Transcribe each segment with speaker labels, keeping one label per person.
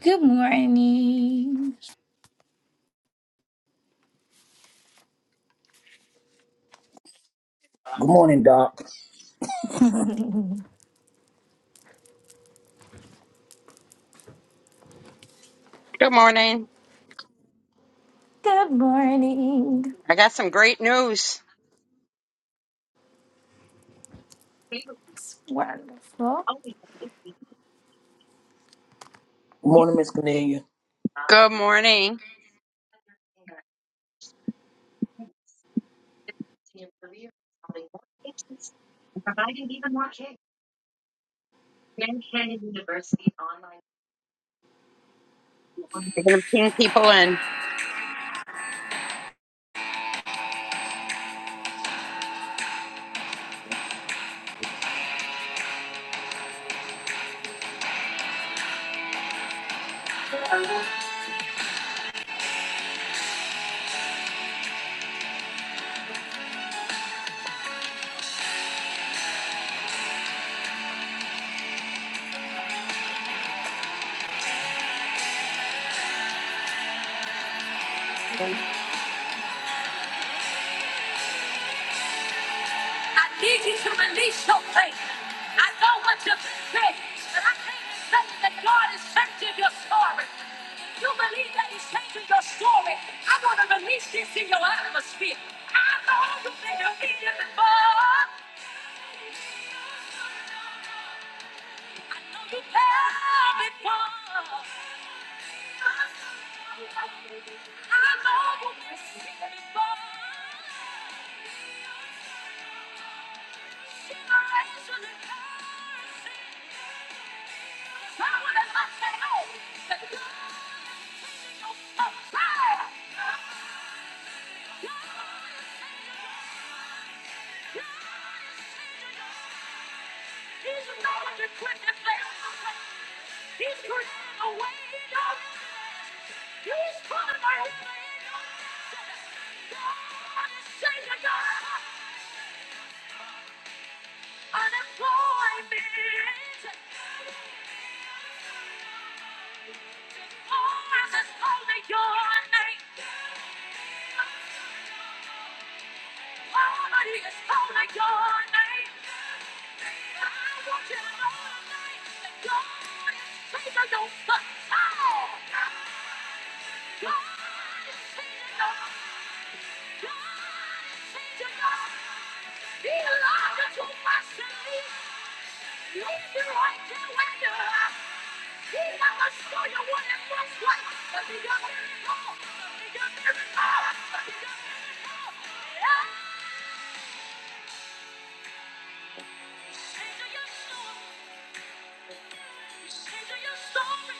Speaker 1: Good morning.
Speaker 2: Good morning, Doc.
Speaker 1: Good
Speaker 3: Good morning.
Speaker 1: morning.
Speaker 3: I got some great news.
Speaker 1: It's wonderful.
Speaker 2: Good morning, Miss Cornelia.
Speaker 3: Good morning. You're going to ping people in.
Speaker 1: I need you to release your faith. I know what you've been through, but I can't say that God is changing your story. If you believe that He's changing your story, I want to release this in your atmosphere. I know you've been defeated before. I know you've failed before. He's the God that quickeneth their soul. He's creating a way, y'all. He's pulling my way, y'all. God is saying, God. He loved you to my city. Leave you right there where you are. gonna show you what it looks like? Change Change your story. Change your story.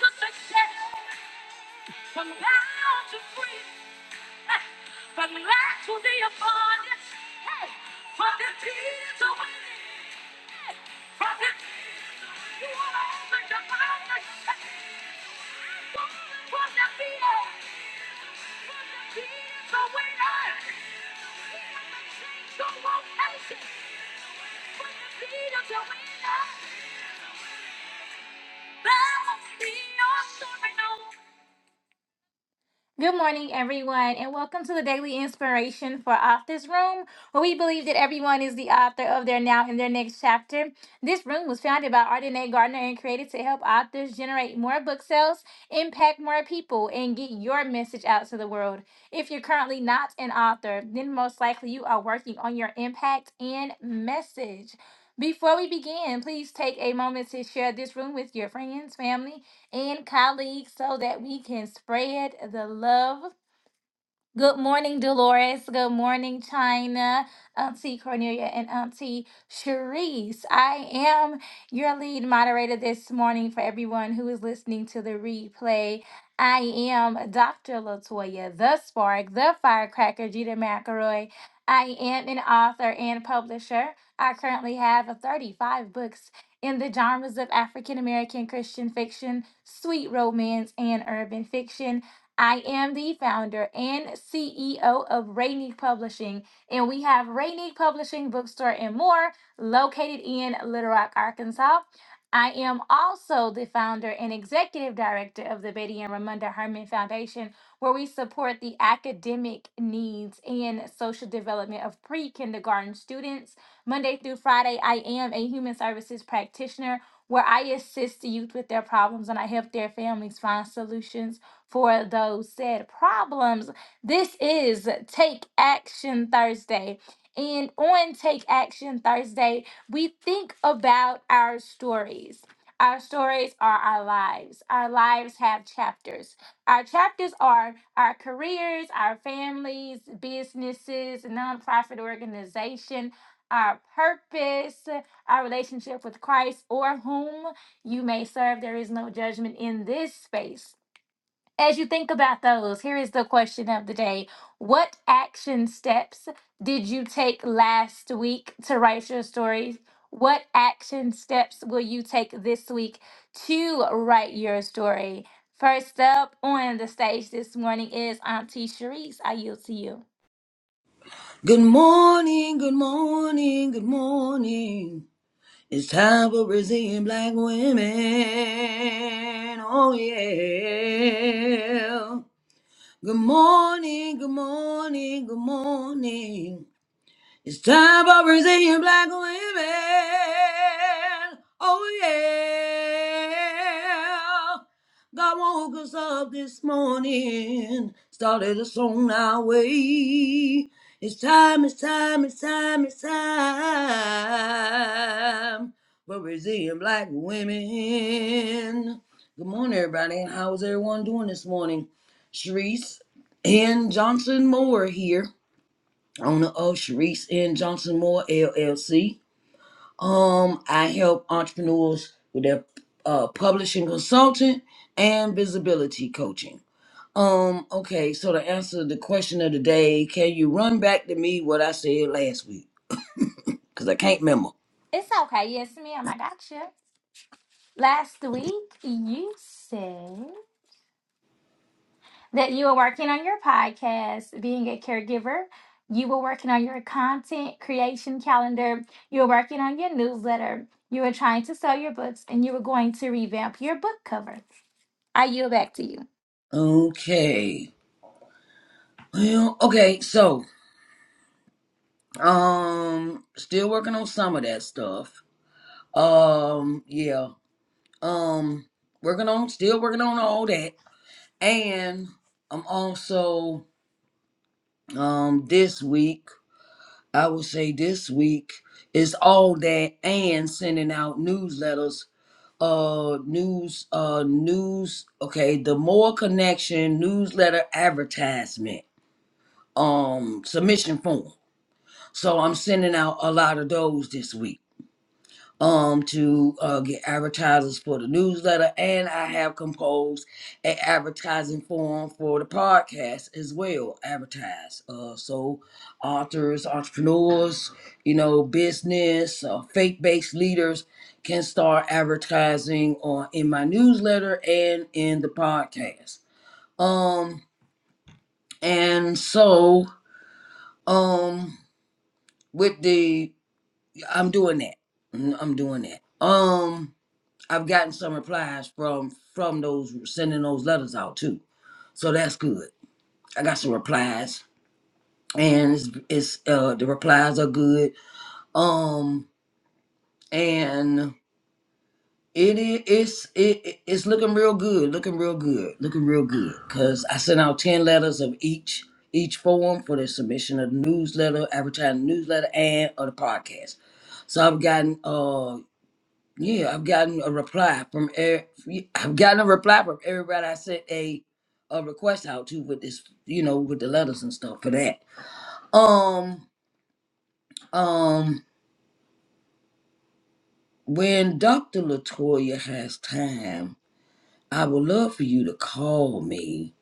Speaker 1: story. From now to free, Hey. from lack to the abundance, hey, from the peace to winning, hey, from the peace. you are the divine, Hey. from the fear. Bow in your sorrow. Good morning, everyone, and welcome to the Daily Inspiration for Authors Room, where we believe that everyone is the author of their now and their next chapter. This room was founded by Ardenae Gardner and created to help authors generate more book sales, impact more people, and get your message out to the world. If you're currently not an author, then most likely you are working on your impact and message. Before we begin, please take a moment to share this room with your friends, family, and colleagues so that we can spread the love Good morning, Dolores. Good morning, China, Auntie Cornelia, and Auntie Cherise. I am your lead moderator this morning for everyone who is listening to the replay. I am Dr. Latoya, the spark, the firecracker, Gita McElroy. I am an author and publisher. I currently have 35 books in the genres of African American Christian fiction, sweet romance, and urban fiction. I am the founder and CEO of Rainique Publishing, and we have Rainique Publishing Bookstore and more located in Little Rock, Arkansas. I am also the founder and executive director of the Betty and Ramunda Herman Foundation, where we support the academic needs and social development of pre kindergarten students. Monday through Friday, I am a human services practitioner where I assist the youth with their problems and I help their families find solutions for those said problems. This is Take Action Thursday. And on Take Action Thursday, we think about our stories. Our stories are our lives. Our lives have chapters. Our chapters are our careers, our families, businesses, nonprofit organization, our purpose, our relationship with Christ, or whom you may serve. There is no judgment in this space. As you think about those, here is the question of the day. What action steps did you take last week to write your story? What action steps will you take this week to write your story? First up on the stage this morning is Auntie Sharice. I yield to you.
Speaker 2: Good morning, good morning, good morning. It's time for Brazilian black women. Oh, yeah. Good morning, good morning, good morning. It's time for Brazilian black women. Oh yeah. God woke us up this morning. Started a song our way. It's time, it's time, it's time, it's time for Brazilian black women. Good morning, everybody. How's everyone doing this morning? Sharice and Johnson Moore here owner of Sharice N. Johnson Moore LLC. Um, I help entrepreneurs with their uh, publishing consultant and visibility coaching. Um, okay, so to answer the question of the day, can you run back to me what I said last week? Because I can't remember.
Speaker 1: It's okay. Yes, ma'am. I got you. Last week, you said. that you were working on your podcast, being a caregiver. You were working on your content creation calendar. You were working on your newsletter. You were trying to sell your books and you were going to revamp your book cover. I yield back to you.
Speaker 2: Okay. Well, okay, so um still working on some of that stuff. Um, yeah. Um working on still working on all that. And I'm also um this week, I would say this week is all that and sending out newsletters, uh news uh news okay, the more connection newsletter advertisement um submission form. So I'm sending out a lot of those this week. um to uh, get advertisers for the newsletter and i have composed an advertising form for the podcast as well advertise uh, so authors entrepreneurs you know business uh, faith-based leaders can start advertising on in my newsletter and in the podcast um and so um with the i'm doing that i'm doing that um I've gotten some replies from from those sending those letters out too. So that's good. I got some replies and it's, it's uh the replies are good. Um and it is it's it, it- it's looking real good, looking real good, looking real good cuz I sent out 10 letters of each each form for the submission of the newsletter, advertising newsletter and of the podcast. So I've gotten uh. Yeah, I've gotten a reply from er- I've gotten a reply from everybody I sent a a request out to with this, you know, with the letters and stuff for that. Um, um, when Dr. Latoya has time, I would love for you to call me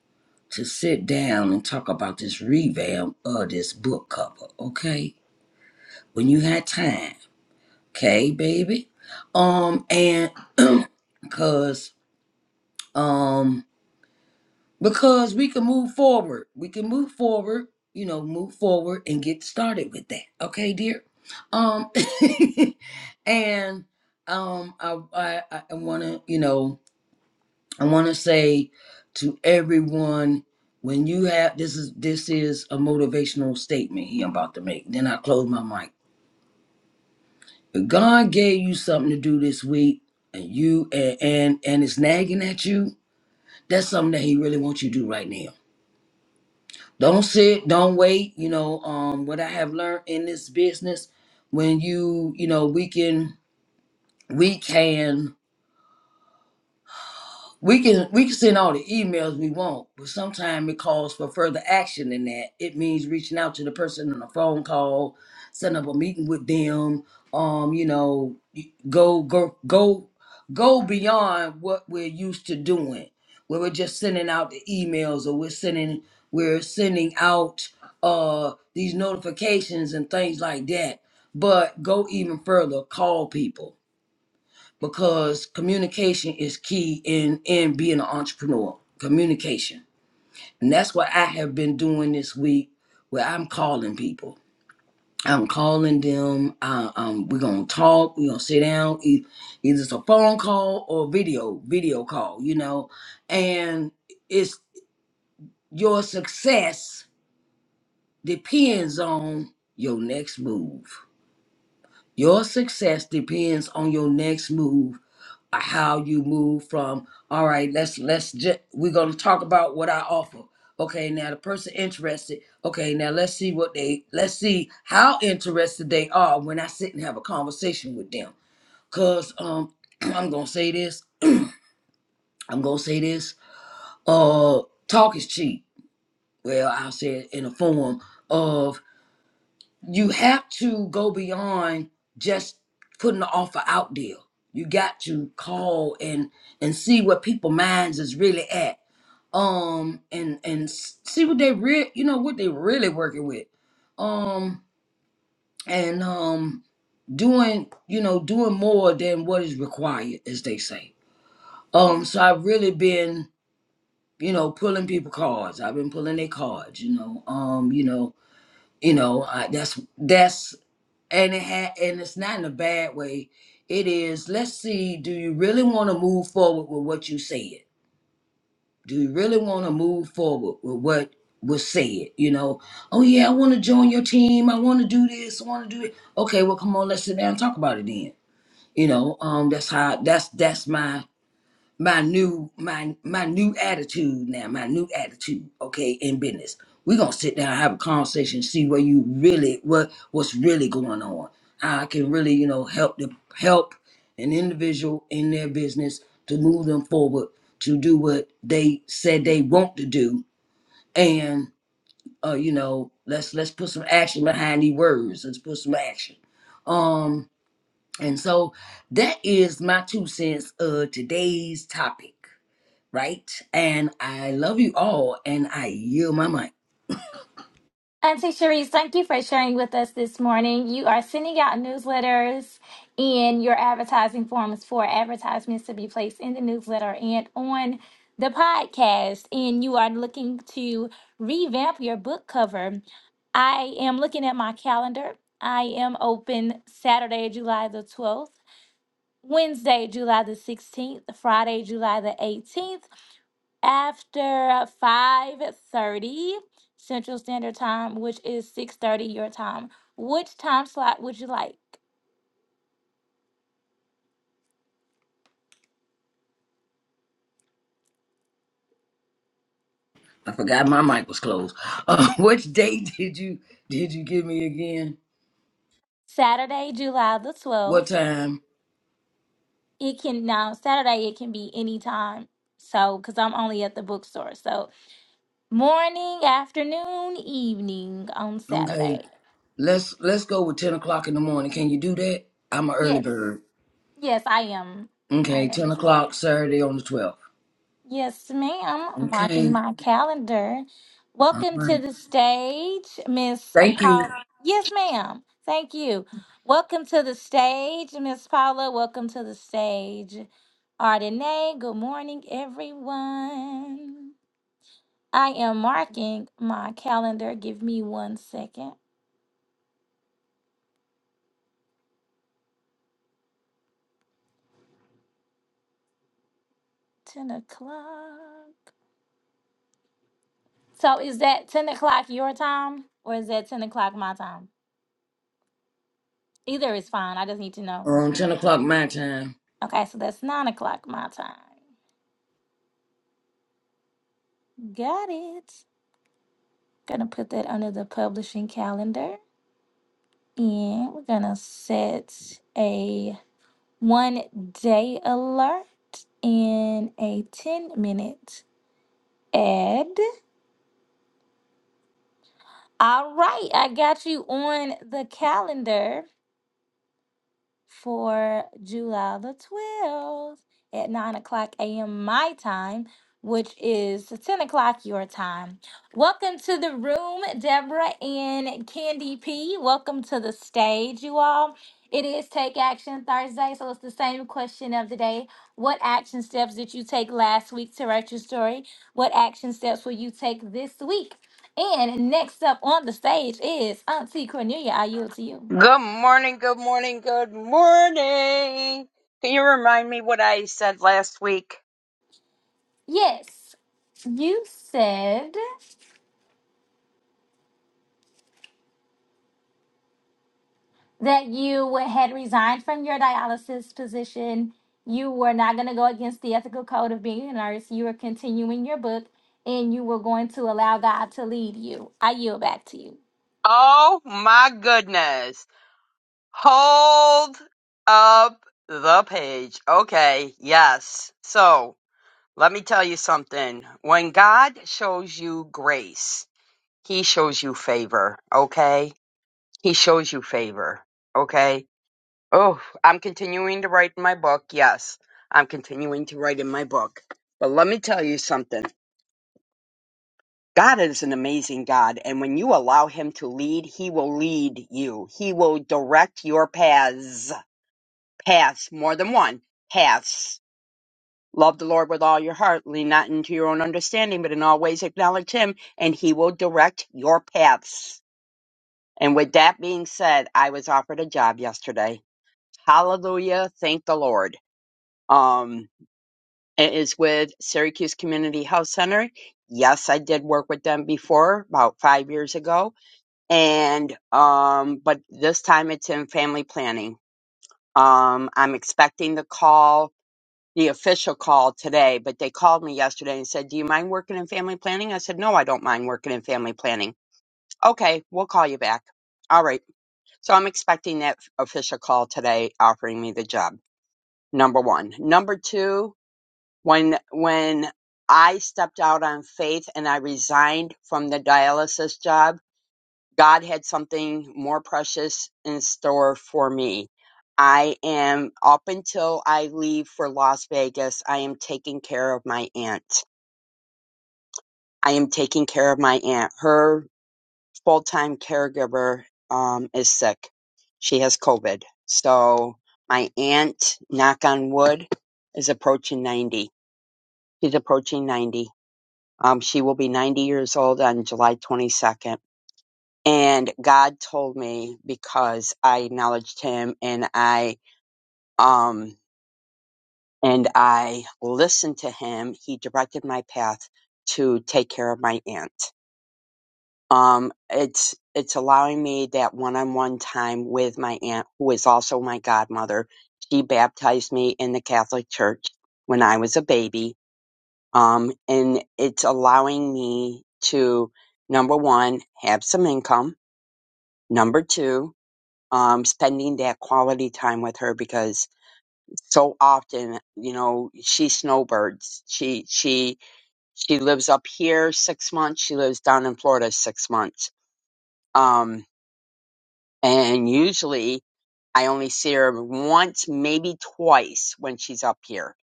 Speaker 2: to sit down and talk about this revamp of this book cover, okay? When you had time, okay, baby. Um, and cause um. because we can move forward. We can move forward, you know, move forward and get started with that. Okay, dear. Um, and um, I I, I want to, you know, I want to say to everyone when you have this is this is a motivational statement he I'm about to make. Then I close my mic. God gave you something to do this week, and you and and, and it's nagging at you. That's something that He really wants you to do right now don't sit don't wait you know um what i have learned in this business when you you know we can we can we can we can send all the emails we want, but sometimes it calls for further action than that. It means reaching out to the person on a phone call, setting up a meeting with them. Um, you know, y- go go go go beyond what we're used to doing, where we're just sending out the emails or we're sending we're sending out uh these notifications and things like that. But go even further, call people because communication is key in in being an entrepreneur communication and that's what i have been doing this week where i'm calling people i'm calling them uh, um, we're gonna talk we're gonna sit down e- either it's a phone call or video video call you know and it's your success depends on your next move your success depends on your next move how you move from all right let's let's just we're going to talk about what i offer okay now the person interested okay now let's see what they let's see how interested they are when i sit and have a conversation with them because um i'm going to say this i'm going to say this uh talk is cheap well i'll say it in a form of you have to go beyond just putting the offer out there. You got to call and and see what people minds is really at. Um and and s- see what they real you know what they really working with. Um and um doing you know doing more than what is required as they say. Um so I've really been you know pulling people cards. I've been pulling their cards, you know. Um you know, you know, I, that's that's and it had and it's not in a bad way it is let's see do you really want to move forward with what you said do you really want to move forward with what was said you know oh yeah i want to join your team i want to do this i want to do it okay well come on let's sit down and talk about it then you know um that's how that's that's my my new my my new attitude now my new attitude okay in business we're gonna sit down have a conversation see where you really what what's really going on How i can really you know help the help an individual in their business to move them forward to do what they said they want to do and uh you know let's let's put some action behind these words let's put some action um and so that is my two cents of today's topic right? And I love you all, and I yield my mic.
Speaker 1: Auntie Cherise, thank you for sharing with us this morning. You are sending out newsletters and your advertising forms for advertisements to be placed in the newsletter and on the podcast. And you are looking to revamp your book cover. I am looking at my calendar. I am open Saturday, July the 12th, Wednesday, July the 16th, Friday, July the 18th after 5:30 Central Standard Time, which is 6:30 your time. Which time slot would you like?
Speaker 2: I forgot my mic was closed. Uh, which date did you did you give me again?
Speaker 1: Saturday, July the
Speaker 2: What
Speaker 1: 12th.
Speaker 2: time?
Speaker 1: It can now Saturday it can be any time. So cuz I'm only at the bookstore. So morning, afternoon, evening on
Speaker 2: Okay,
Speaker 1: Saturday.
Speaker 2: let's let's go with ten o'clock in the morning. Can you do that? I'm an early
Speaker 1: Yes.
Speaker 2: bird.
Speaker 1: Yes, I am. I
Speaker 2: Okay,
Speaker 1: am
Speaker 2: ten
Speaker 1: as well.
Speaker 2: o'clock Saturday on the twelfth.
Speaker 1: Yes, ma'am. Marking
Speaker 2: Okay,
Speaker 1: my calendar.
Speaker 2: all
Speaker 1: Welcome to
Speaker 2: right.
Speaker 1: the stage, Miss
Speaker 2: Thank you.
Speaker 1: Paula. Yes, ma'am. Thank you. Welcome to the stage, Miss Paula. Welcome to the stage, Ardenae. Good morning, everyone. I am marking my calendar. Give me one second. 10 o'clock. So, is that 10 o'clock your time or is that 10 o'clock my time? Either is fine. I just need to know.
Speaker 2: Um, ten o'clock my time.
Speaker 1: Okay, so that's nine o'clock my time. Got it. Gonna put that under the publishing calendar. And we're gonna set a one day alert in a 10 minute ad. All right, I got you on the calendar. for July the 12th at 9 o'clock a.m. my time, which is 10 o'clock your time. Welcome to the room, Deborah and Candy P. Welcome to the stage, you all. It is Take Action Thursday, so it's the same question of the day. What action steps did you take last week to write your story? What action steps will you take this week? And next up on the stage is Auntie Cornelia. I yield to you.
Speaker 3: Good morning. Good morning. Good morning. Can you remind me what I said last week?
Speaker 1: Yes, you said that you had resigned from your dialysis position. You were not going to go against the ethical code of being a nurse. You were continuing your book and you were going to allow God to lead you. I yield back to you.
Speaker 3: Oh my goodness. Hold up the page. Okay. Yes. So let me tell you something. When God shows you grace, he shows you favor. Okay. He shows you favor. Okay Oh, I'm continuing to write in my book. Yes, I'm continuing to write in my book. But let me tell you something. God is an amazing God, and when you allow Him to lead, He will lead you. He will direct your paths. Paths, more than one. Paths. Love the Lord with all your heart. Lean not into your own understanding, but in all ways acknowledge Him, and He will direct your paths. And with that being said, I was offered a job yesterday. Hallelujah. Thank the Lord. Um. It is with Syracuse Community Health Center. Yes, I did work with them before, about five years ago, and um, but this time it's in family planning. Um, I'm expecting the call, the official call today, but they called me yesterday and said, "Do you mind working in family planning?" I said, "No, I don't mind working in family planning." Okay, we'll call you back. All right. So I'm expecting that official call today offering me the job. Number one. Number two, when when I stepped out on faith and I resigned from the dialysis job, God had something more precious in store for me. I am up until I leave for Las Vegas, I am taking care of my aunt. I am taking care of my aunt. Her full-time caregiver um, is sick. She has COVID. So my aunt, knock on wood, is approaching 90. She's approaching 90 Um, she will be 90 years old on July 22nd. And God told me because I acknowledged him and I, um, and I listened to him, he directed my path to take care of my aunt. Um, it's, it's allowing me that one-on-one time with my aunt, who is also my godmother. She baptized me in the Catholic Church when I was a baby Um, and it's allowing me to, number one, have some income. Number two, um, spending that quality time with her because so often, you know, she snowbirds. She, she, she lives up here six months. She lives down in Florida six months. Um, and usually I only see her once, maybe twice when she's up here.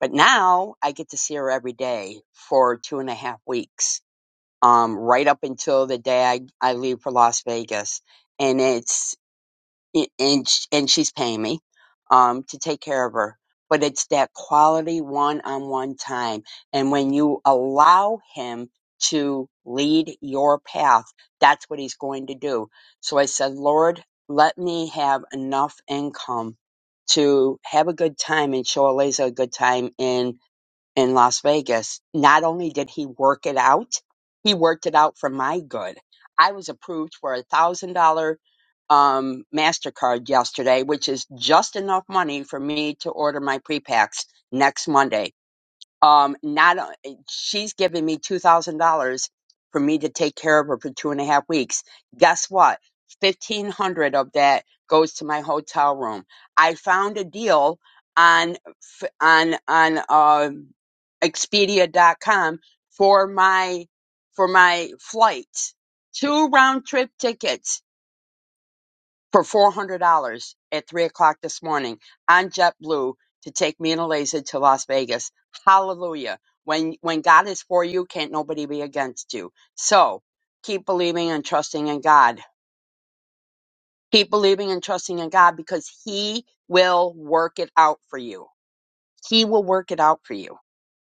Speaker 3: But now I get to see her every day for two and a half weeks um, right up until the day I, I leave for Las Vegas. And it's, and, sh- and she's paying me, um, to take care of her. But it's that quality one on one time. And when you allow him to lead your path, that's what he's going to do. So I said, Lord, let me have enough income to have a good time and show Eliza a good time in in Las Vegas, not only did he work it out, he worked it out for my good. I was approved for a thousand dollar um MasterCard yesterday, which is just enough money for me to order my prepacks next Monday. Um not o- she's giving me two thousand dollars for me to take care of her for two and a half weeks. Guess what? Fifteen hundred of that goes to my hotel room. I found a deal on f- on on um Expedia.com for my for my flight. Two round trip tickets for four hundred dollars at three o'clock this morning on JetBlue to take me and Eliza to Las Vegas. Hallelujah. When when God is for you, can't nobody be against you. So keep believing and trusting in God. Keep believing and trusting in God because He will work it out for you. He will work it out for you.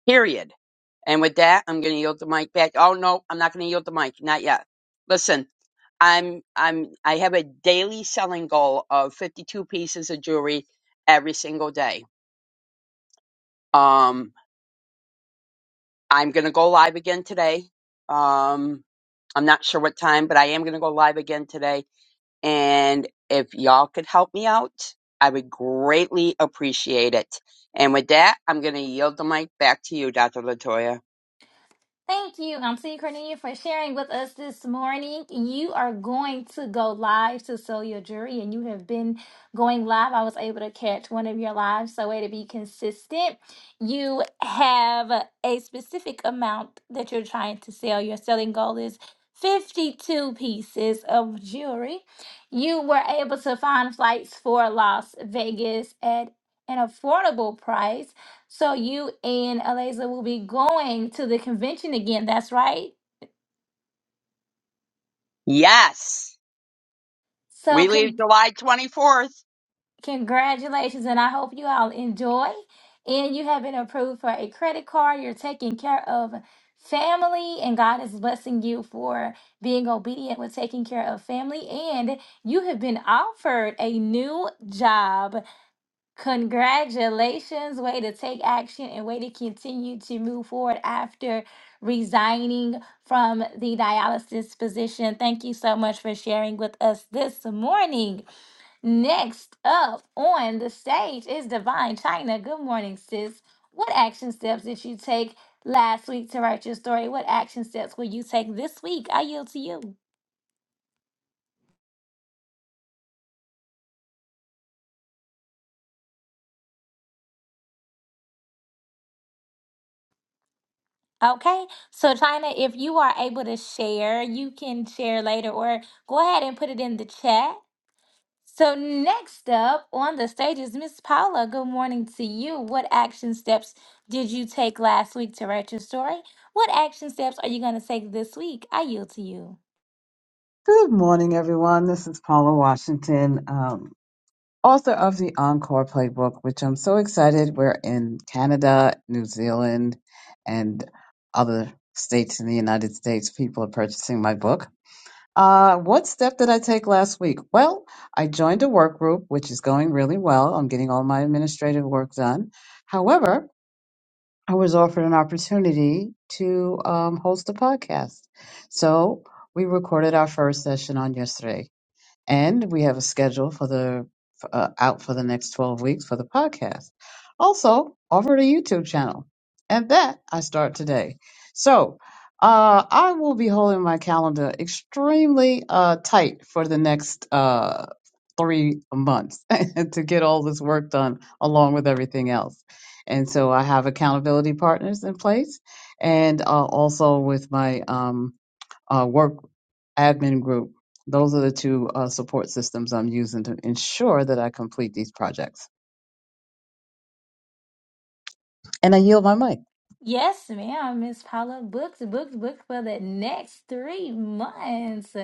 Speaker 3: period. And with that, I'm going to yield the mic back. Oh no, I'm not going to yield the mic. Not yet. Listen, I'm I'm I have a daily selling goal of 52 pieces of jewelry every single day. Um, I'm going to go live again today. Um, I'm not sure what time, but I am going to go live again today. And if y'all could help me out, I would greatly appreciate it. And with that, I'm going to yield the mic back to you, Dr. Latoya.
Speaker 1: Thank you, Auntie Cornelia, for sharing with us this morning. You are going to go live to sell your jury, and you have been going live. I was able to catch one of your lives, so way to be consistent. You have a specific amount that you're trying to sell. Your selling goal is 52 pieces of jewelry. You were able to find flights for Las Vegas at an affordable price so you and Eliza will be going to the convention again. That's right.
Speaker 3: Yes.
Speaker 1: So
Speaker 3: We leave
Speaker 1: con-
Speaker 3: July 24th.
Speaker 1: congratulations, and I hope you all enjoy. And you have been approved for a credit card. You're taking care of family, and God is blessing you for being obedient with taking care of family. And you have been offered a new job. Congratulations, way to take action and way to continue to move forward after resigning from the dialysis position. Thank you so much for sharing with us this morning. Next up on the stage is Divine China. Good morning, sis. What action steps did you take last week to write your story? What action steps will you take this week? I yield to you. Okay, so China, if you are able to share, you can share later or go ahead and put it in the chat. So, next up on the stage is Miss Paula. Good morning to you. What action steps did you take last week to write your story? What action steps are you going to take this week? I yield to you.
Speaker 4: Good morning, everyone. This is Paula Washington, um, author of the Encore Playbook, which I'm so excited. We're in Canada, New Zealand, and other states in the United States. People are purchasing my book. Uh, what step did I take last week? Well, I joined a work group, which is going really well. I'm getting all my administrative work done. However, I was offered an opportunity to um, host a podcast. So we recorded our first session on yesterday. And we have a schedule for the for, uh, out for the next 12 weeks for the podcast. Also, over to YouTube channel. And that I start today. So, uh, I will be holding my calendar extremely uh, tight for the next uh, three months to get all this work done along with everything else. And so I have accountability partners in place and uh, also with my um, uh, work admin group. Those are the two uh, support systems I'm using to ensure that I complete these projects. And I yield my mic.
Speaker 1: Yes, ma'am, Miss Paula. Books, books, books for the next three months.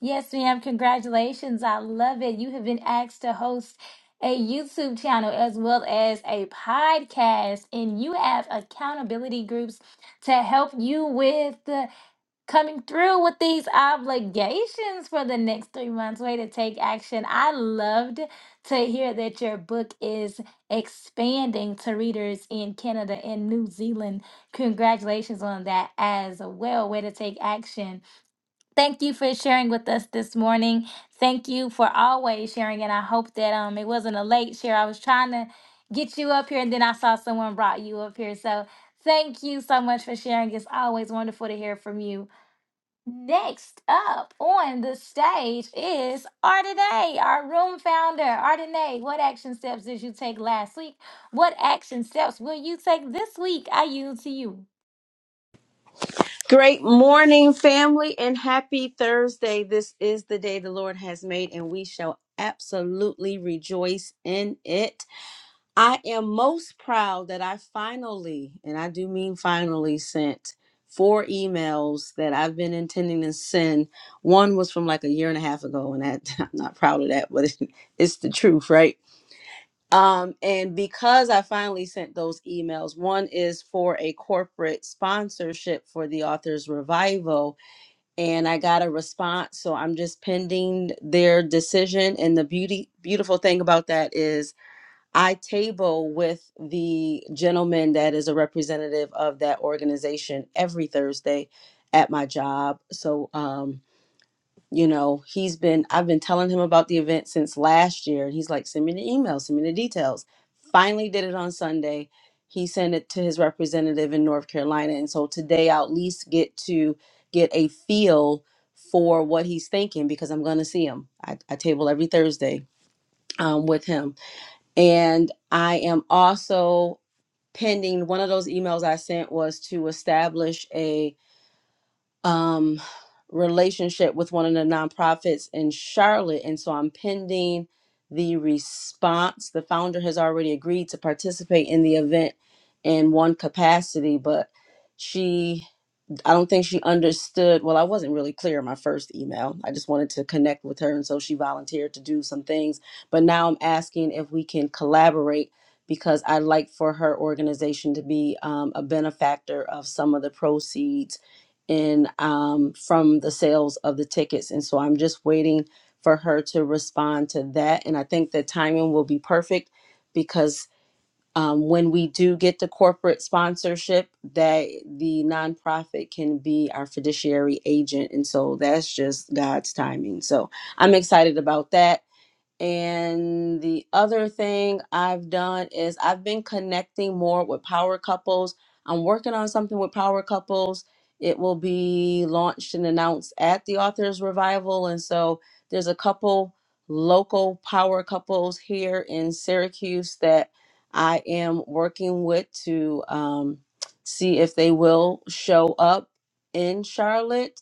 Speaker 1: Yes, ma'am. Congratulations. I love it. You have been asked to host a YouTube channel as well as a podcast, and you have accountability groups to help you with coming through with these obligations for the next three months. Way to take action. I loved to hear that your book is expanding to readers in Canada and New Zealand. Congratulations on that as well. Way to take action. Thank you for sharing with us this morning. Thank you for always sharing. And I hope that um it wasn't a late share. I was trying to get you up here and then I saw someone brought you up here. So Thank you so much for sharing. It's always wonderful to hear from you. Next up on the stage is Ardenae, our room founder. Ardenae, what action steps did you take last week? What action steps will you take this week? I yield to you.
Speaker 5: Great morning, family, and happy Thursday. This is the day the Lord has made, and we shall absolutely rejoice in it. I am most proud that I finally, and I do mean finally, sent four emails that I've been intending to send. One was from like a year and a half ago, and that, I'm not proud of that, but it's the truth, right? Um, and because I finally sent those emails, one is for a corporate sponsorship for the author's revival, and I got a response. So I'm just pending their decision. And the beauty, beautiful thing about that is I table with the gentleman that is a representative of that organization every Thursday at my job. So, um, you know he's been i've been telling him about the event since last year and he's like send me the email send me the details finally did it on sunday he sent it to his representative in north carolina and so today i'll at least get to get a feel for what he's thinking because i'm going to see him I, I table every thursday um, with him and i am also pending one of those emails i sent was to establish a um, relationship with one of the nonprofits in Charlotte. And so I'm pending the response. The founder has already agreed to participate in the event in one capacity, but she I don't think she understood. Well, I wasn't really clear in my first email. I just wanted to connect with her. And so she volunteered to do some things. But now I'm asking if we can collaborate because I'd like for her organization to be um, a benefactor of some of the proceeds in um, from the sales of the tickets. And so I'm just waiting for her to respond to that. And I think the timing will be perfect because um, when we do get the corporate sponsorship that the nonprofit can be our fiduciary agent and so that's just god's timing so i'm excited about that and the other thing I've done is I've been connecting more with power couples. I'm working on something with power couples. It will be launched and announced at the Authors Revival. And so there's a couple local power couples here in Syracuse that I am working with to um, see if they will show up in Charlotte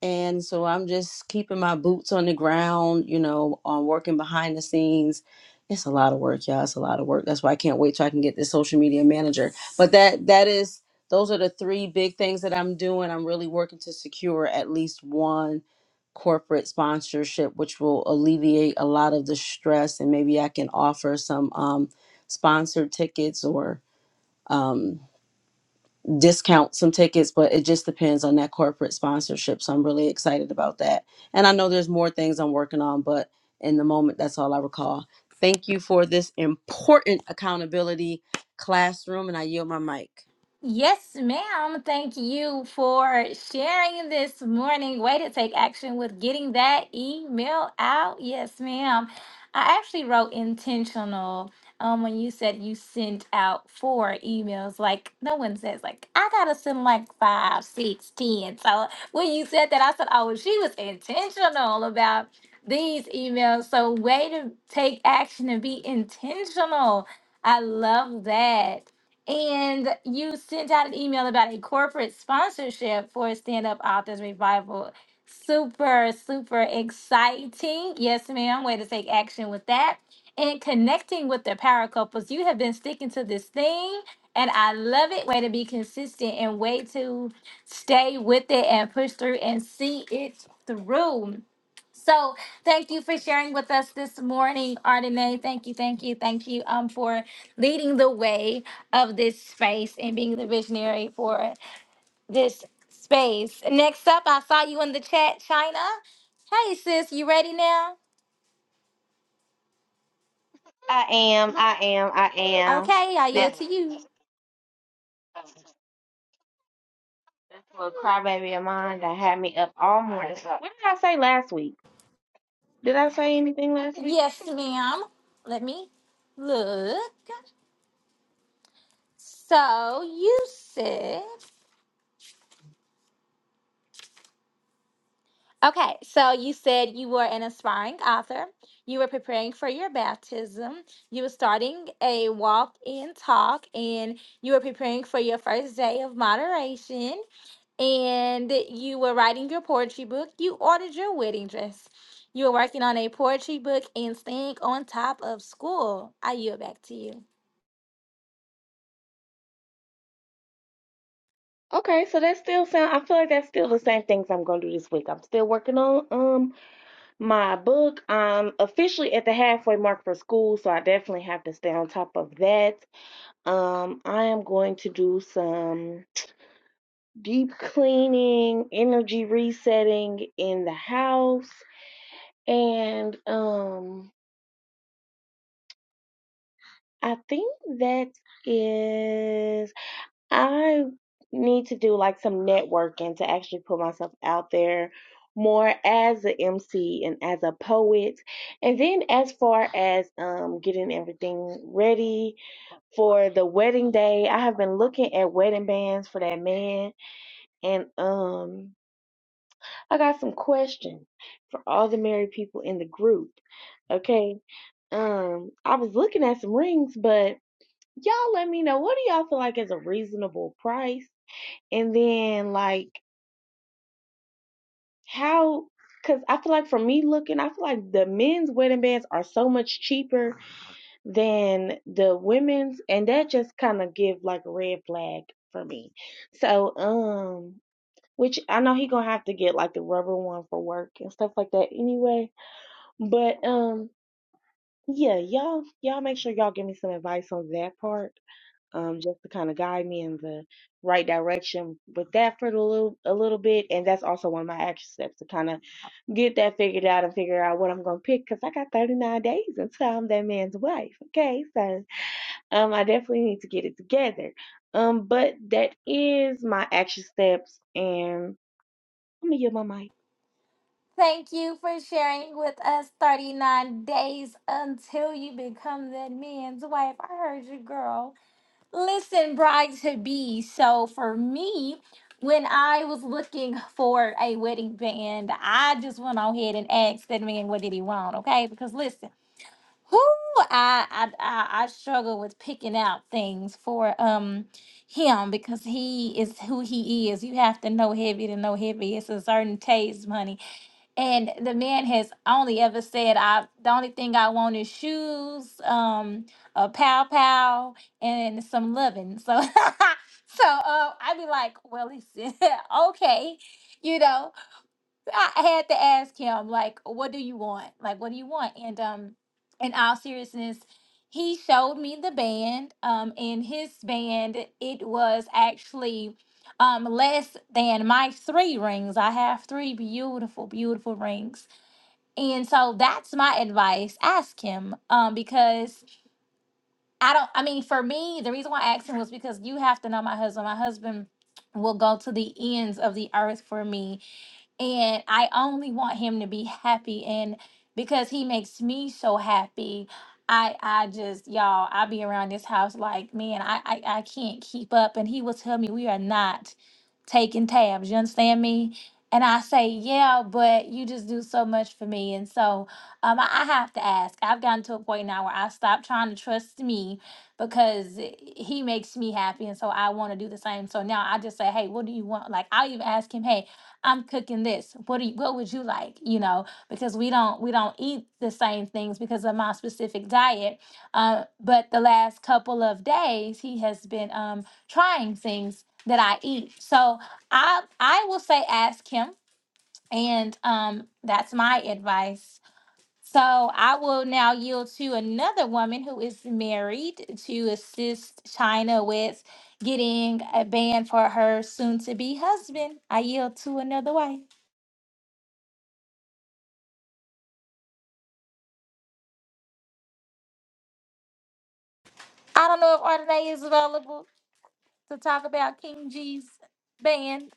Speaker 5: and so I'm just keeping my boots on the ground, you know, on working behind the scenes. It's a lot of work, y'all. It's a lot of work. That's why I can't wait till I can get this social media manager. But that that is those are the three big things that I'm doing. I'm really working to secure at least one corporate sponsorship, which will alleviate a lot of the stress and maybe I can offer some um sponsored tickets or um discount some tickets, but it just depends on that corporate sponsorship. So I'm really excited about that. And I know there's more things I'm working on, but in the moment, that's all I recall. Thank you for this important accountability classroom, and I yield my mic.
Speaker 1: Yes, ma'am. Thank you for sharing this morning. Way to take action with getting that email out. Yes, ma'am. I actually wrote intentional um, when you said you sent out four emails. Like, no one says, like, I got to send like five, six, ten. So when you said that, I said, oh, well, she was intentional about these emails. So, way to take action and be intentional. I love that. And you sent out an email about a corporate sponsorship for Stand Up Authors Revival. Super, super exciting. Yes, ma'am. Way to take action with that. And connecting with the power couples. You have been sticking to this thing, and I love it. Way to be consistent and way to stay with it and push through and see it through. So thank you for sharing with us this morning, Ardenae. Thank you, thank you, thank you um, for leading the way of this space and being the visionary for this space. Next up, I saw you in the chat, China. Hey, sis, you ready now?
Speaker 6: I am, I am, I am.
Speaker 1: Okay, I
Speaker 6: This
Speaker 1: yield to you.
Speaker 6: this little crybaby of mine that had me up all morning. What did I say last week? Did I say anything last week?
Speaker 1: Yes, ma'am. Let me look. So you said. Okay, so you said you were an aspiring author. You were preparing for your baptism. You were starting a walk and talk, and you were preparing for your first day of moderation. And you were writing your poetry book. You ordered your wedding dress. You were working on a poetry book and staying on top of school. I yield back to you.
Speaker 6: Okay, so that still sound. I feel like that's still the same things I'm gonna do this week. I'm still working on um my book. I'm officially at the halfway mark for school, so I definitely have to stay on top of that. Um, I am going to do some deep cleaning, energy resetting in the house, and um I think that is, I need to do like some networking to actually put myself out there more as an MC and as a poet. And then as far as um getting everything ready for the wedding day, I have been looking at wedding bands for that man and um I got some questions for all the married people in the group. Okay. Um I was looking at some rings, but y'all let me know what do y'all feel like is a reasonable price and then like how because i feel like for me looking i feel like the men's wedding bands are so much cheaper than the women's and that just kind of give like a red flag for me so um which i know he gonna have to get like the rubber one for work and stuff like that anyway but um yeah y'all y'all make sure y'all give me some advice on that part um, just to kind of guide me in the right direction with that for a little a little bit, and that's also one of my action steps to kind of get that figured out and figure out what I'm gonna pick because I got 39 days until I'm that man's wife. Okay, so um, I definitely need to get it together. Um, but that is my action steps, and let me get my mic.
Speaker 1: Thank you for sharing with us 39 days until you become that man's wife. I heard you, girl. Listen, bride to be. So for me, when I was looking for a wedding band, I just went on ahead and asked that man what did he want, okay? Because listen, who I I I, I struggle with picking out things for um him because he is who he is. You have to know heavy to know heavy. It's a certain taste, money and the man has only ever said, "I the only thing I want is shoes, um, a pow pow, and some loving." So, so um, I'd be like, "Well, he said, okay, you know." I had to ask him, like, what do you want? Like, what do you want? And um, in all seriousness, he showed me the band. Um, in his band, it was actually um less than my three rings. I have three beautiful, beautiful rings. And so that's my advice. Ask him. Um, because I don't I mean, for me, the reason why I asked him was because you have to know my husband. My husband will go to the ends of the earth for me and I only want him to be happy and because he makes me so happy I I just y'all I be around this house like man I I, I can't keep up and he will tell me we are not taking tabs you understand me and I say yeah but you just do so much for me and so um I, I have to ask I've gotten to a point now where I stopped trying to trust me because he makes me happy and so I want to do the same so now I just say hey what do you want like I'll even ask him hey I'm cooking this. What do you, what would you like? You know, because we don't we don't eat the same things because of my specific diet. Uh, but the last couple of days, he has been um, trying things that I eat. So I I will say ask him, and um, that's my advice. So I will now yield to another woman who is married to assist China with getting a band for her soon-to-be husband. I yield to another wife. I don't know if Ardenae is available to talk about King G's band.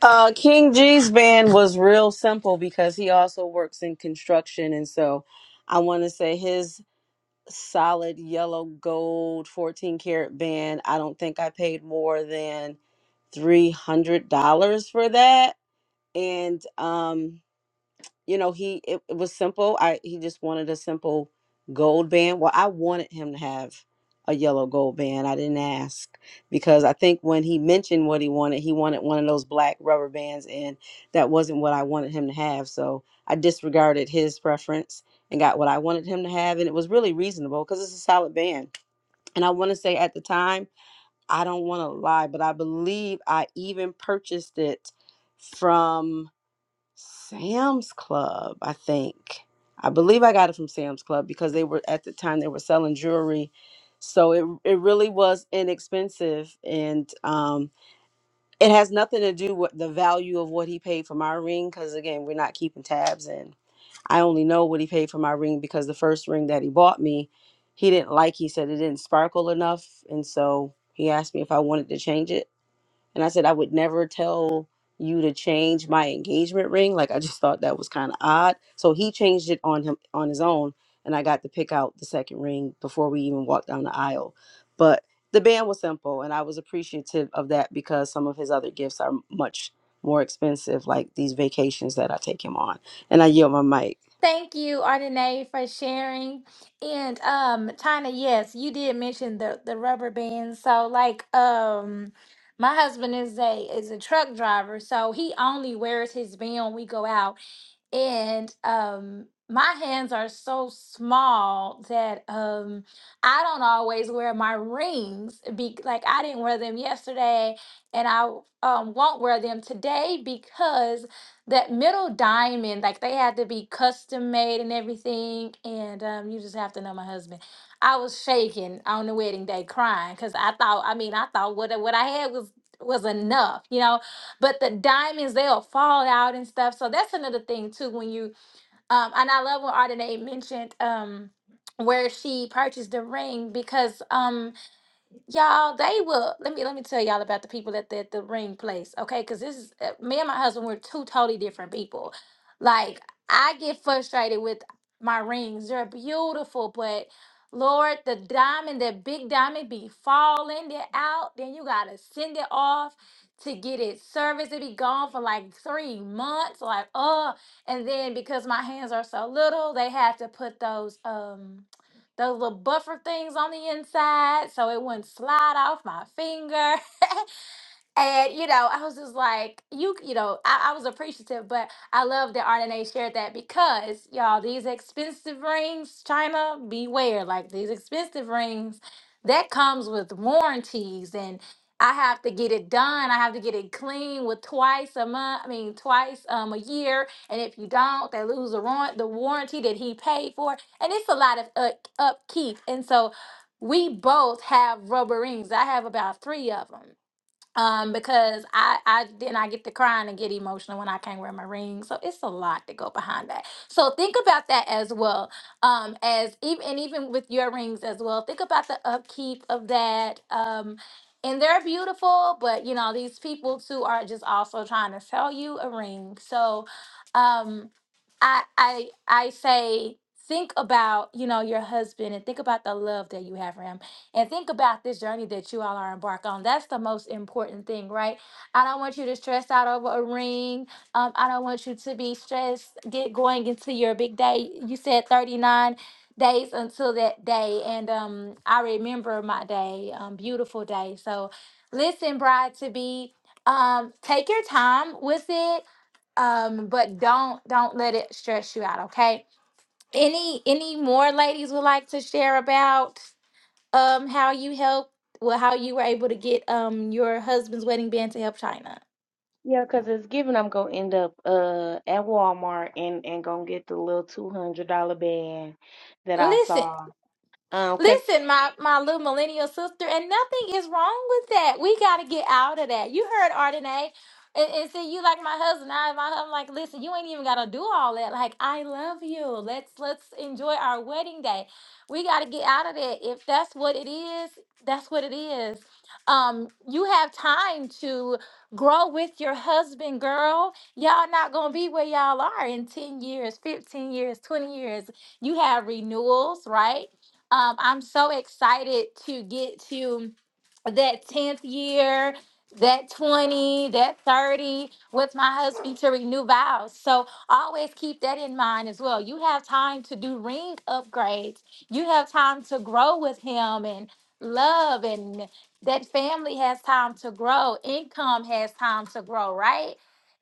Speaker 5: Uh, King G's band was real simple because he also works in construction, and so I want to say his solid yellow gold 14 karat band. I don't think I paid more than three hundred dollars for that and um you know he it, it was simple i he just wanted a simple gold band well i wanted him to have a yellow gold band i didn't ask because i think when he mentioned what he wanted he wanted one of those black rubber bands and that wasn't what i wanted him to have so i disregarded his preference and got what i wanted him to have and it was really reasonable because it's a solid band and i want to say at the time i don't want to lie but i believe i even purchased it from Sam's Club, I think. I believe I got it from Sam's Club because they were at the time they were selling jewelry. So it it really was inexpensive and um it has nothing to do with the value of what he paid for my ring because again we're not keeping tabs and I only know what he paid for my ring because the first ring that he bought me he didn't like he said it didn't sparkle enough and so he asked me if I wanted to change it and I said, I would never tell you to change my engagement ring. Like I just thought that was kind of odd. So he changed it on him on his own, and I got to pick out the second ring before we even walked down the aisle. But the band was simple, and I was appreciative of that because some of his other gifts are much more expensive, like these vacations that I take him on. And I yield my mic.
Speaker 1: Thank you, Ardenae, for sharing. And um, China, yes, you did mention the the rubber band. So like um my husband is a is a truck driver, so he only wears his band when we go out. and um my hands are so small that um I don't always wear my rings be like I didn't wear them yesterday and I um won't wear them today because that middle diamond like they had to be custom made and everything and um you just have to know my husband. I was shaking on the wedding day crying cuz I thought I mean I thought what what I had was was enough, you know, but the diamonds they'll fall out and stuff. So that's another thing too. When you um, and I love when Ardenae mentioned um where she purchased the ring because um Y'all, they will. Let me let me tell y'all about the people at the, the ring place, okay? Because this is uh, me and my husband. We're two totally different people. Like I get frustrated with my rings. They're beautiful, but Lord, the diamond, that big diamond, be falling. They're out. Then you gotta send it off to get it serviced. It be gone for like three months. Like, oh, and then because my hands are so little, they have to put those um those little buffer things on the inside so it wouldn't slide off my finger. And you know, I was just like, you, you know, I, I was appreciative, but I love that Ardenae shared that because y'all, these expensive rings, China, beware. Like these expensive rings, that comes with warranties, and I have to get it done. I have to get it clean with twice a month. I mean, twice um a year. And if you don't, they lose the warrant, the warranty that he paid for, and it's a lot of uh, upkeep. And so, we both have rubber rings. I have about three of them um because i i then i get to crying and get emotional when i can't wear my ring so it's a lot to go behind that so think about that as well um as even and even with your rings as well think about the upkeep of that um and they're beautiful but you know these people too are just also trying to sell you a ring so um i i i say think about you know your husband and think about the love that you have for him and think about this journey that you all are embarked on. That's the most important thing, right? I don't want you to stress out over a ring. Um, I don't want you to be stressed. Get going into your big day. You said thirty nine days until that day, and um, I remember my day, um, beautiful day. So, listen, bride to be, um, take your time with it, um, but don't don't let it stress you out. Okay. Any any more ladies would like to share about? um how you helped well how you were able to get um your husband's wedding band to help China.
Speaker 6: Yeah, cause it's given I'm gonna end up uh at Walmart and and gonna get the little two hundred dollar band that I
Speaker 1: Listen,
Speaker 6: saw. Um 'cause
Speaker 1: Listen, my, my little millennial sister, and nothing is wrong with that. We got to get out of that. You heard Ardenae and, and see you like my husband. I my husband like, listen, you ain't even got to do all that. Like, I love you. Let's let's enjoy our wedding day. We got to get out of that. If that's what it is, that's what it is. Um, you have time to grow with your husband, girl. Y'all not gonna be where y'all are in 10 years, 15 years, 20 years. You have renewals, right? Um, I'm so excited to get to that 10th year, that 20, that 30 with my husband to renew vows. So always keep that in mind as well. You have time to do ring upgrades, you have time to grow with him and love, and that family has time to grow, income has time to grow, right?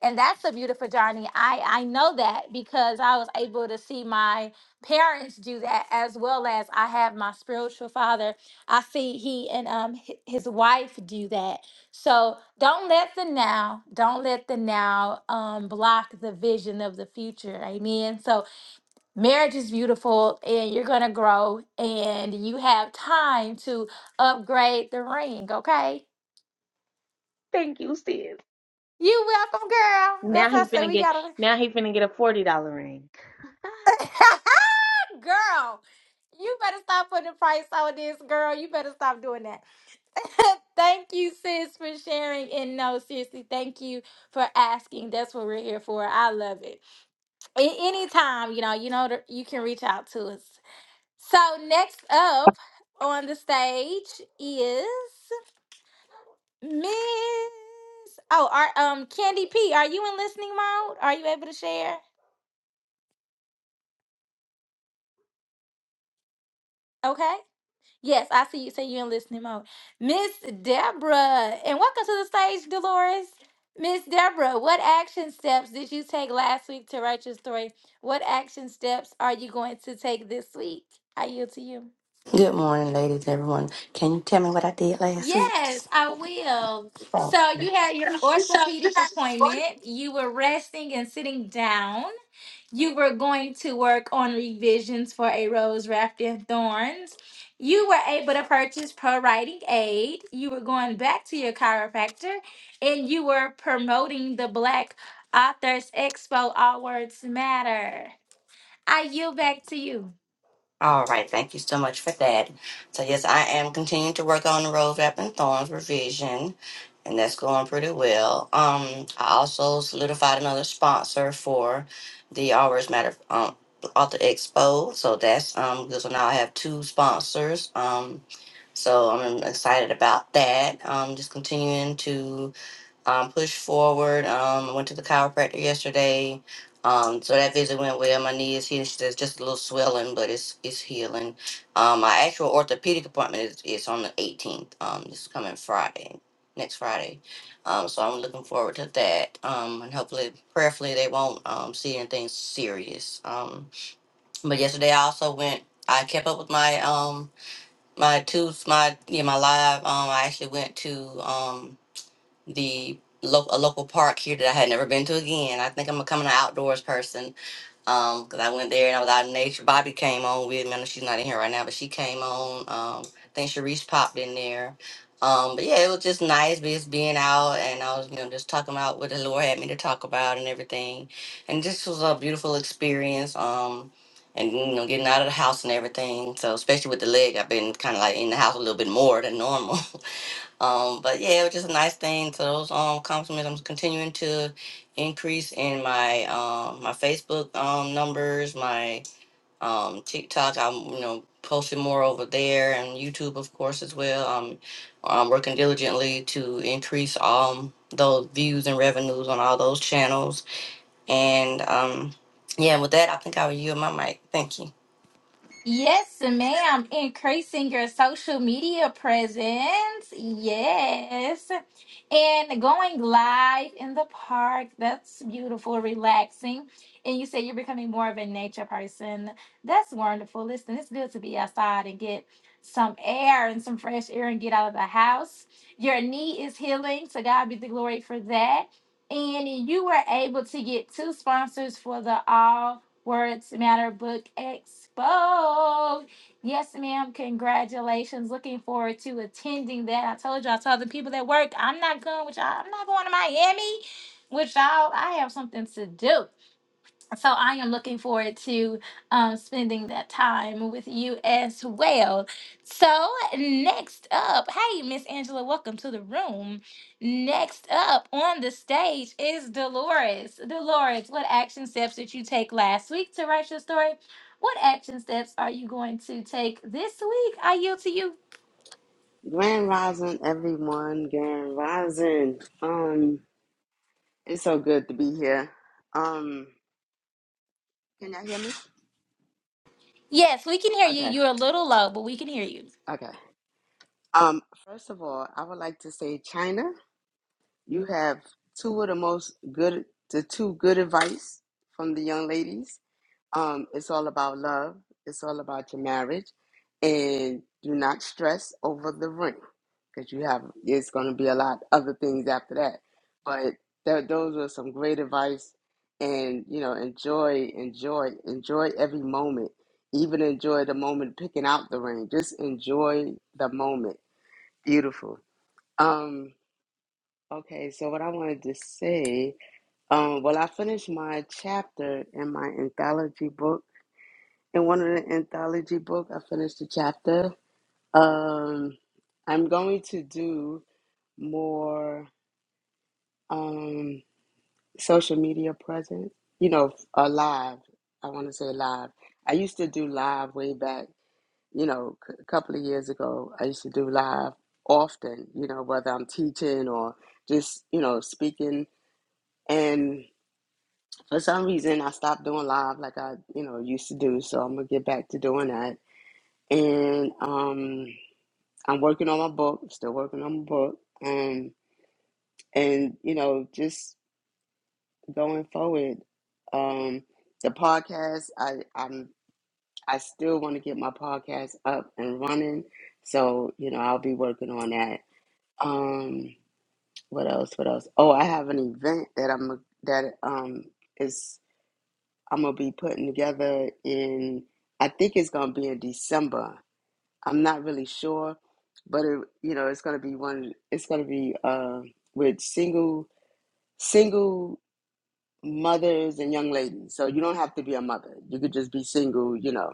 Speaker 1: And that's a beautiful journey. I, I know that because I was able to see my parents do that as well as I have my spiritual father. I see he and um hi- his wife do that. So don't let the now, don't let the now um block the vision of the future. Amen. So marriage is beautiful and you're going to grow and you have time to upgrade the ring, okay?
Speaker 6: Thank you, sis.
Speaker 1: You welcome, girl.
Speaker 6: Now
Speaker 1: That's
Speaker 6: he
Speaker 1: what I said.
Speaker 6: finna
Speaker 1: We
Speaker 6: get
Speaker 1: got to
Speaker 6: now he finna get a forty dollar ring.
Speaker 1: Girl, you better stop putting a price on this, girl. You better stop doing that. thank you, sis, for sharing. And no, seriously, thank you for asking. That's what we're here for. I love it. A- anytime, you know, you know, that you can reach out to us. So next up on the stage is Miss. Oh, our um Candy P. Are you in listening mode? Are you able to share? Okay. Yes, I see you say you're in listening mode. Miss Deborah, and welcome to the stage, Dolores. Miss Deborah, what action steps did you take last week to write your story? What action steps are you going to take this week? I yield to you.
Speaker 7: Good morning, ladies, everyone. Can you tell me what I did last week?
Speaker 1: Yes, I will.
Speaker 7: So,
Speaker 1: So you had your orthopedic appointment. You were resting and sitting down. You were going to work on revisions for A Rose Wrapped in Thorns. You were able to purchase pro writing aid. You were going back to your chiropractor and you were promoting the Black Authors Expo All Words Matter. I yield back to you.
Speaker 7: all right, thank you so much for that. So, yes, I am continuing to work on the Rose Wrap and Thorns revision, and that's going pretty well. Um, I also solidified another sponsor for the Always Matter um, Author Expo, so that's um, good. So now I have two sponsors. Um, so I'm excited about that. Um, just continuing to um, push forward. Um, I went to the chiropractor yesterday. Um, so that visit went well. My knee is healed. She says just a little swelling, but it's it's healing. Um, my actual orthopedic appointment is, is on the 18th. Um, this coming Friday, next Friday. Um, so I'm looking forward to that. Um, and hopefully, prayerfully, they won't um, see anything serious. Um, but yesterday I also went. I kept up with my um my tooth, my yeah my live. Um, I actually went to um the lo- a local park here that I had never been to again. I think I'm a coming an outdoors person because I went there and I was out in nature. Bobby came on with me. I know she's not in here right now, but she came on. Um, I think Sharice popped in there. Um, but yeah, it was just nice just being out and I was, you know, just talking about what the Lord had me to talk about and everything. And this was a beautiful experience. Um, and you know, getting out of the house and everything. So especially with the leg, I've been kind of like in the house a little bit more than normal. Um, but yeah, it was just a nice thing. So those um compliments, I'm continuing to increase in my um my Facebook um numbers, my um TikTok. I'm you know posting more over there, and YouTube of course as well. I'm I'm working diligently to increase um those views and revenues on all those channels. And um yeah, with that, I think I will yield my mic. Thank you.
Speaker 1: Yes, ma'am. Increasing your social media presence. Yes. And going live in the park. That's beautiful, relaxing. And you say you're becoming more of a nature person. That's wonderful. Listen, it's good to be outside and get some air and some fresh air and get out of the house. Your knee is healing. So, God be the glory for that. And you were able to get two sponsors for the all Words Matter Book Expo. Yes, ma'am. Congratulations. Looking forward to attending that. I told y'all, I told the people that work, I'm not going with y'all. I'm not going to Miami with y'all. I have something to do so I am looking forward to um, spending that time with you as well. So next up, hey Miss Angela, welcome to the room. Next up on the stage is Dolores. Dolores, what action steps did you take last week to write your story? What action steps are you going to take this week? I yield to you.
Speaker 8: Grand Rising, everyone. Grand Rising. Um, it's so good to be here. Um, can y'all hear me?
Speaker 1: Yes, we can hear you.
Speaker 8: Okay,
Speaker 1: You're a little low, but we can hear you.
Speaker 8: okay. Um, first of all, I would like to say, China, you have two of the most good, the two good advice from the young ladies. Um, it's all about love. It's all about your marriage, and do not stress over the ring because you have. It's going to be a lot other things after that. But th- those are some great advice, and you know, enjoy, enjoy, enjoy every moment. Even enjoy the moment picking out the ring. Just enjoy the moment. Beautiful. Um. Okay. So what I wanted to say. Um. Well, I finished my chapter in my anthology book in one of the anthology book i finished the chapter um i'm going to do more um social media presence you know uh, live i want to say live i used to do live way back you know c- a couple of years ago i used to do live often you know whether i'm teaching or just you know speaking and for some reason i stopped doing live like i you know used to do so i'm gonna get back to doing that and um I'm working on my book, still working on my book. Um, and you know, just going forward. Um, the podcast, I I'm I still want to get my podcast up and running. So, you know, I'll be working on that. Um, what else? What else? Oh, I have an event that I'm that um is I'm gonna be putting together in I think it's gonna be in December. I'm not really sure, but it, you know, it's gonna be one. It's gonna be uh, with single single mothers and young ladies. So you don't have to be a mother. You could just be single, you know,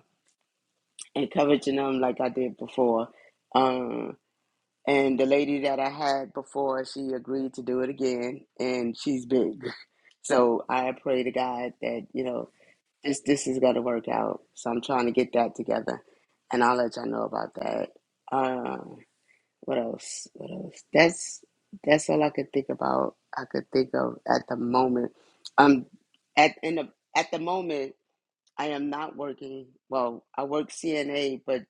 Speaker 8: encouraging them like I did before. Um, and the lady that I had before, she agreed to do it again, and she's big. So I pray to God that you know this this is gonna work out. So I'm trying to get that together, and I'll let y'all know about that. Um, What else? What else? That's that's all I could think about. I could think of at the moment. Um, at in the at the moment, I am not working. Well, I work CNA, but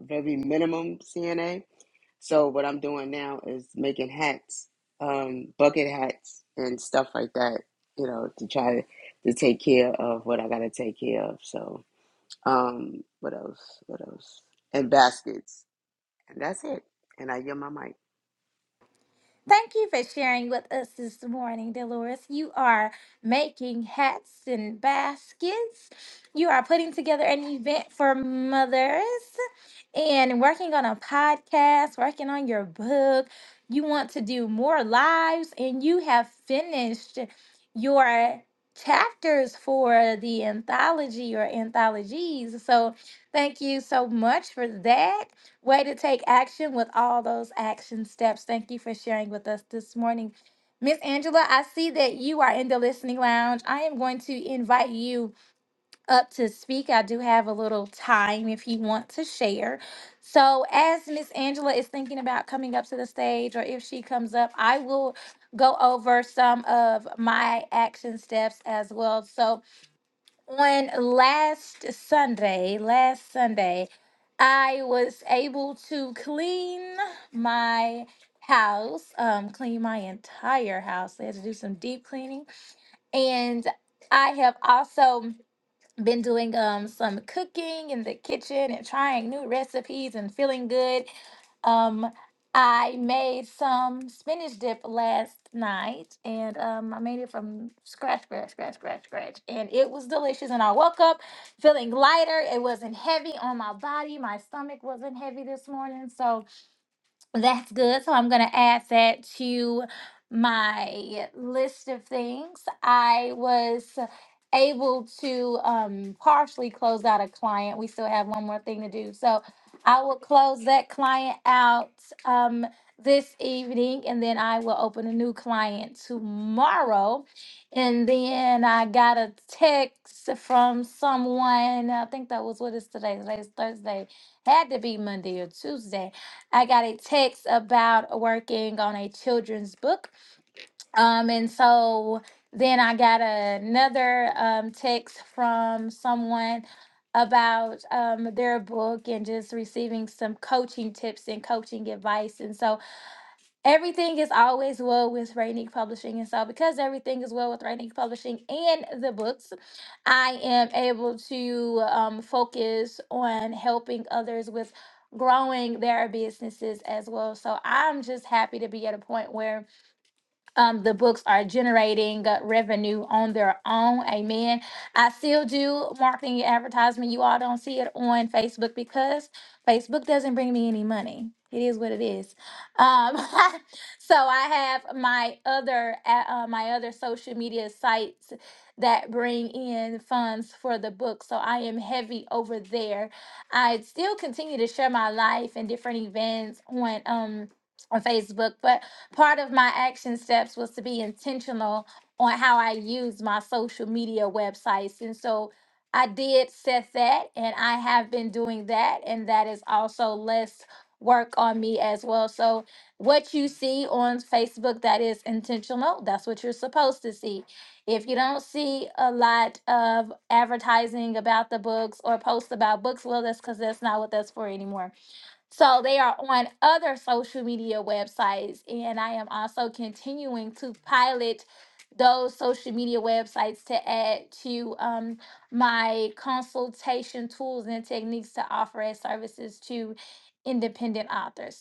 Speaker 8: very minimum CNA. So what I'm doing now is making hats, um, bucket hats and stuff like that. You know, to try to take care of what I gotta take care of. So, um, what else? What else? And baskets. And that's it. And I get my mic.
Speaker 1: Thank you for sharing with us this morning, Dolores. You are making hats and baskets. You are putting together an event for mothers and working on a podcast, working on your book. You want to do more lives, and you have finished your chapters for the anthology or anthologies. So, thank you so much for that. Way to take action with all those action steps. Thank you for sharing with us this morning. Miss Angela, I see that you are in the listening lounge. I am going to invite you up to speak. I do have a little time if you want to share. So, as Miss Angela is thinking about coming up to the stage, or if she comes up, I will go over some of my action steps as well. So, on last Sunday, last Sunday, I was able to clean my house, um, clean my entire house. I had to do some deep cleaning. And I have also been doing um some cooking in the kitchen and trying new recipes and feeling good. Um I made some spinach dip last night and um I made it from scratch, scratch, scratch, scratch, scratch. And it was delicious. And I woke up feeling lighter. It wasn't heavy on my body. My stomach wasn't heavy this morning. So that's good. So I'm going to add that to my list of things. I was able to um, partially close out a client. We still have one more thing to do. So I will close that client out um, this evening and then I will open a new client tomorrow. And then I got a text from someone. I think that was what is today? Today's Thursday. Had to be Monday or Tuesday I got a text about working on a children's book. Um, and so then I got another um, text from someone about um, their book and just receiving some coaching tips and coaching advice. And so Everything is always well with Rainique Publishing. And so, because everything is well with Rainique Publishing and the books, I am able to um, focus on helping others with growing their businesses as well. So, I'm just happy to be at a point where um, the books are generating uh, revenue on their own. Amen. I still do marketing and advertisement. You all don't see it on Facebook because Facebook doesn't bring me any money. It is what it is. Um, so I have my other a- uh, my other social media sites that bring in funds for the book. So I am heavy over there. I still continue to share my life and different events on um on Facebook, but Part of my action steps was to be intentional on how I use my social media websites. And so I did set that, and I have been doing that. And that is also less work on me as well. So, what you see on Facebook that is intentional, that's what you're supposed to see. If you don't see a lot of advertising about the books or posts about books, well, that's because that's not what that's for anymore so they are on other social media websites, and I am also continuing to pilot those social media websites to add to um, my consultation tools and techniques to offer as services to independent authors.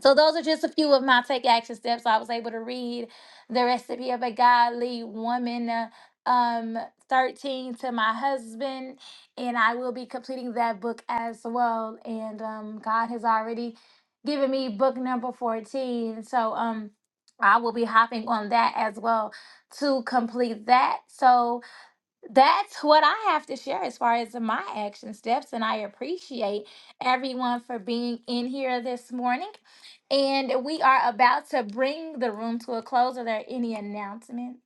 Speaker 1: So those are just a few of my take action steps. I was able to read the recipe of a godly woman uh, um 13 to my husband and I will be completing that book as well and um God has already given me book number 14. So um I will be hopping on that as well to complete that. So that's what I have to share as far as my action steps. And I appreciate everyone for being in here this morning. And we are about to bring the room to a close. Are there any announcements?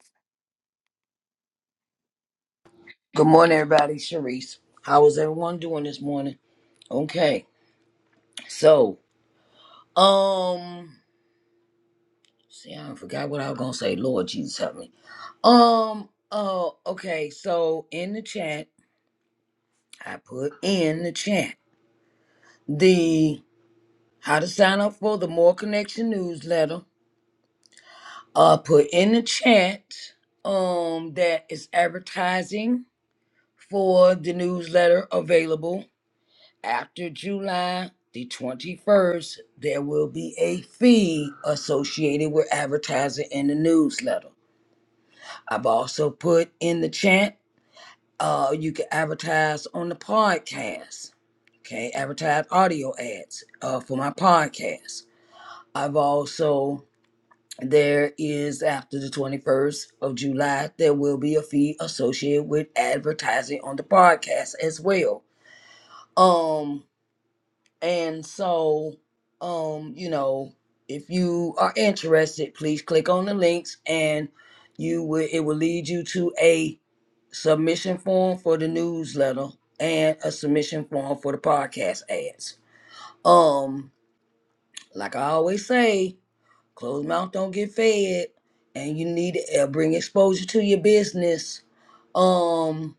Speaker 2: Good morning, everybody. Sharice, how is everyone doing this morning? Okay, so um. See, I forgot what I was gonna say. Lord Jesus, help me. Um. Oh. Okay. So in the chat, I put in the chat the how to sign up for the More Connection newsletter. Uh, put in the chat. Um, that is advertising for the newsletter available after July the twenty first. There will be a fee associated with advertising in the newsletter. I've also put in the chat Uh, you can advertise on the podcast. Okay, advertise audio ads uh, for my podcast. I've also there is after the 21st of July, there will be a fee associated with advertising on the podcast as well. Um, and so, um, you know, if you are interested, please click on the links and you will it will lead you to a submission form for the newsletter and a submission form for the podcast ads. Um, like I always say, closed mouth don't get fed and you need to uh, bring exposure to your business. Um,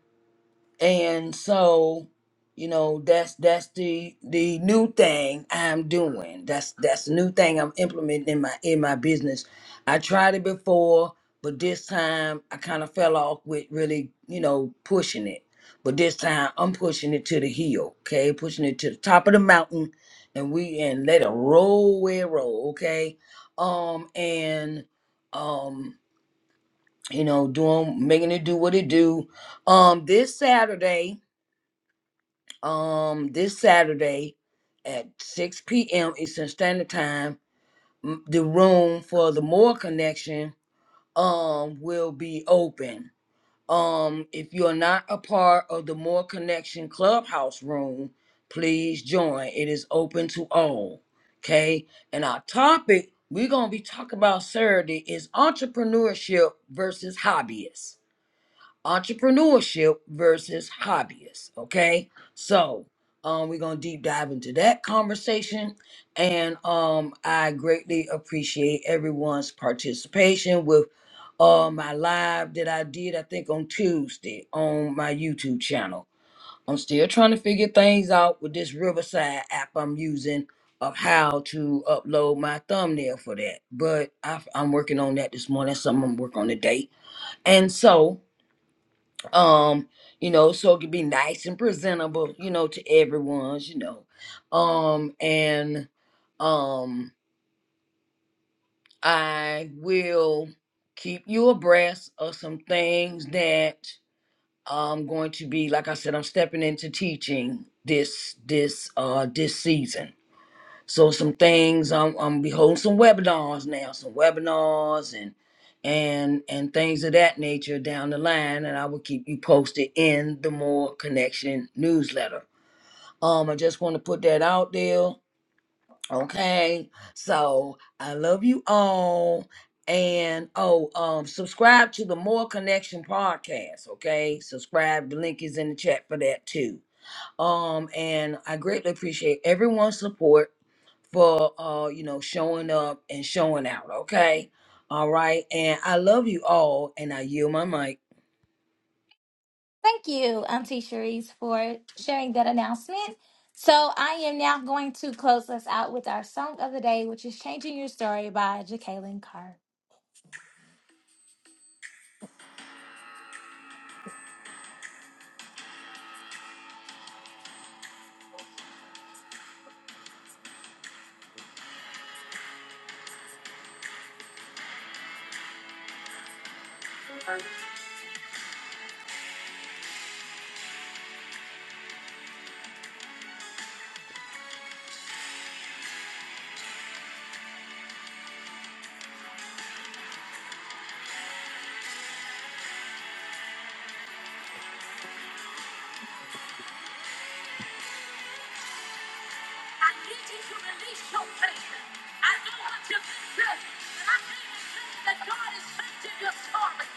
Speaker 2: and so you know that's that's the the new thing i'm doing that's that's the new thing i'm implementing in my in my business i tried it before but this time i kind of fell off with really you know pushing it but this time i'm pushing it to the hill okay pushing it to the top of the mountain and we and let it roll where it roll okay um and um you know doing making it do what it do um this saturday um this Saturday at 6 p.m. Eastern Standard Time. m- The room for the More Connection um will be open. Um, if you're not a part of the More Connection Clubhouse room, please join. It is open to all. Okay, and our topic we're gonna be talking about Saturday is entrepreneurship versus hobbyists entrepreneurship versus hobbyists. Okay, so um, we're gonna deep dive into that conversation, and um, I greatly appreciate everyone's participation with uh my live that I did I think on Tuesday on my YouTube channel. I'm still trying to figure things out with this Riverside app I'm using of how to upload my thumbnail for that. But I, I'm working on that this morning. That's something I'm working on today. And so um you know so it could be nice and presentable you know to everyone's you know um and um i will keep you abreast of some things that i'm going to be like i said i'm stepping into teaching this this uh this season so some things I'm I'm be holding some webinars now, some webinars and and and things of that nature down the line, and I will keep you posted in the More Connection newsletter. Um, I just want to put that out there. Okay, so I love you all, and oh, um, subscribe to the More Connection podcast. Okay, subscribe. The link is in the chat for that too. Um, and I greatly appreciate everyone's support for uh you know showing up and showing out okay all right and i love you all and i yield my mic
Speaker 1: Thank you, Auntie Cherise, for sharing that announcement. So I am now going to close us out with our song of the day, which is Changing Your Story by Jacqueline Carr. I need you to release your faith. I don't want you to be good, but I came to tell you that God is changing your story.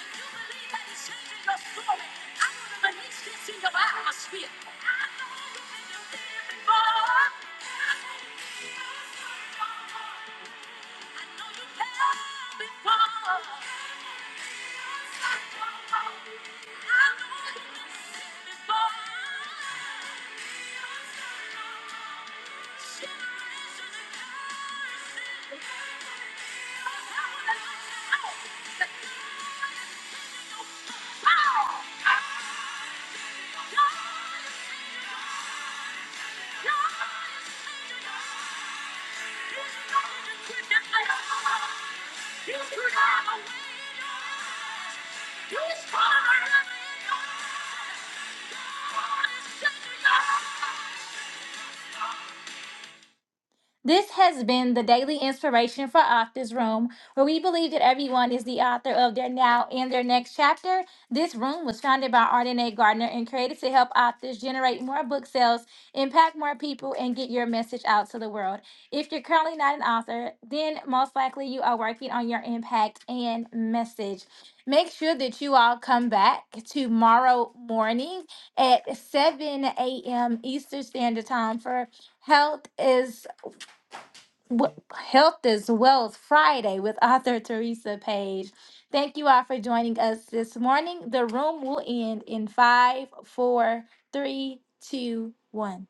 Speaker 1: If you believe that He's changing your story, I want to release this in your atmosphere. I know you've been there before. I know you've been before. I know you've been before. Oh! Thank you. This has been the daily inspiration for Authors Room, where we believe that everyone is the author of their now and their next chapter. This room was founded by Ardenae Gardner and created to help authors generate more book sales, impact more people, and get your message out to the world. If you're currently not an author, then most likely you are working on your impact and message. Make sure that you all come back tomorrow morning at 7 a.m. Eastern Standard Time for Health is Wh- Health is Wealth Friday with author Teresa Page. Thank you all for joining us this morning. The room will end in five, four, three, two, one.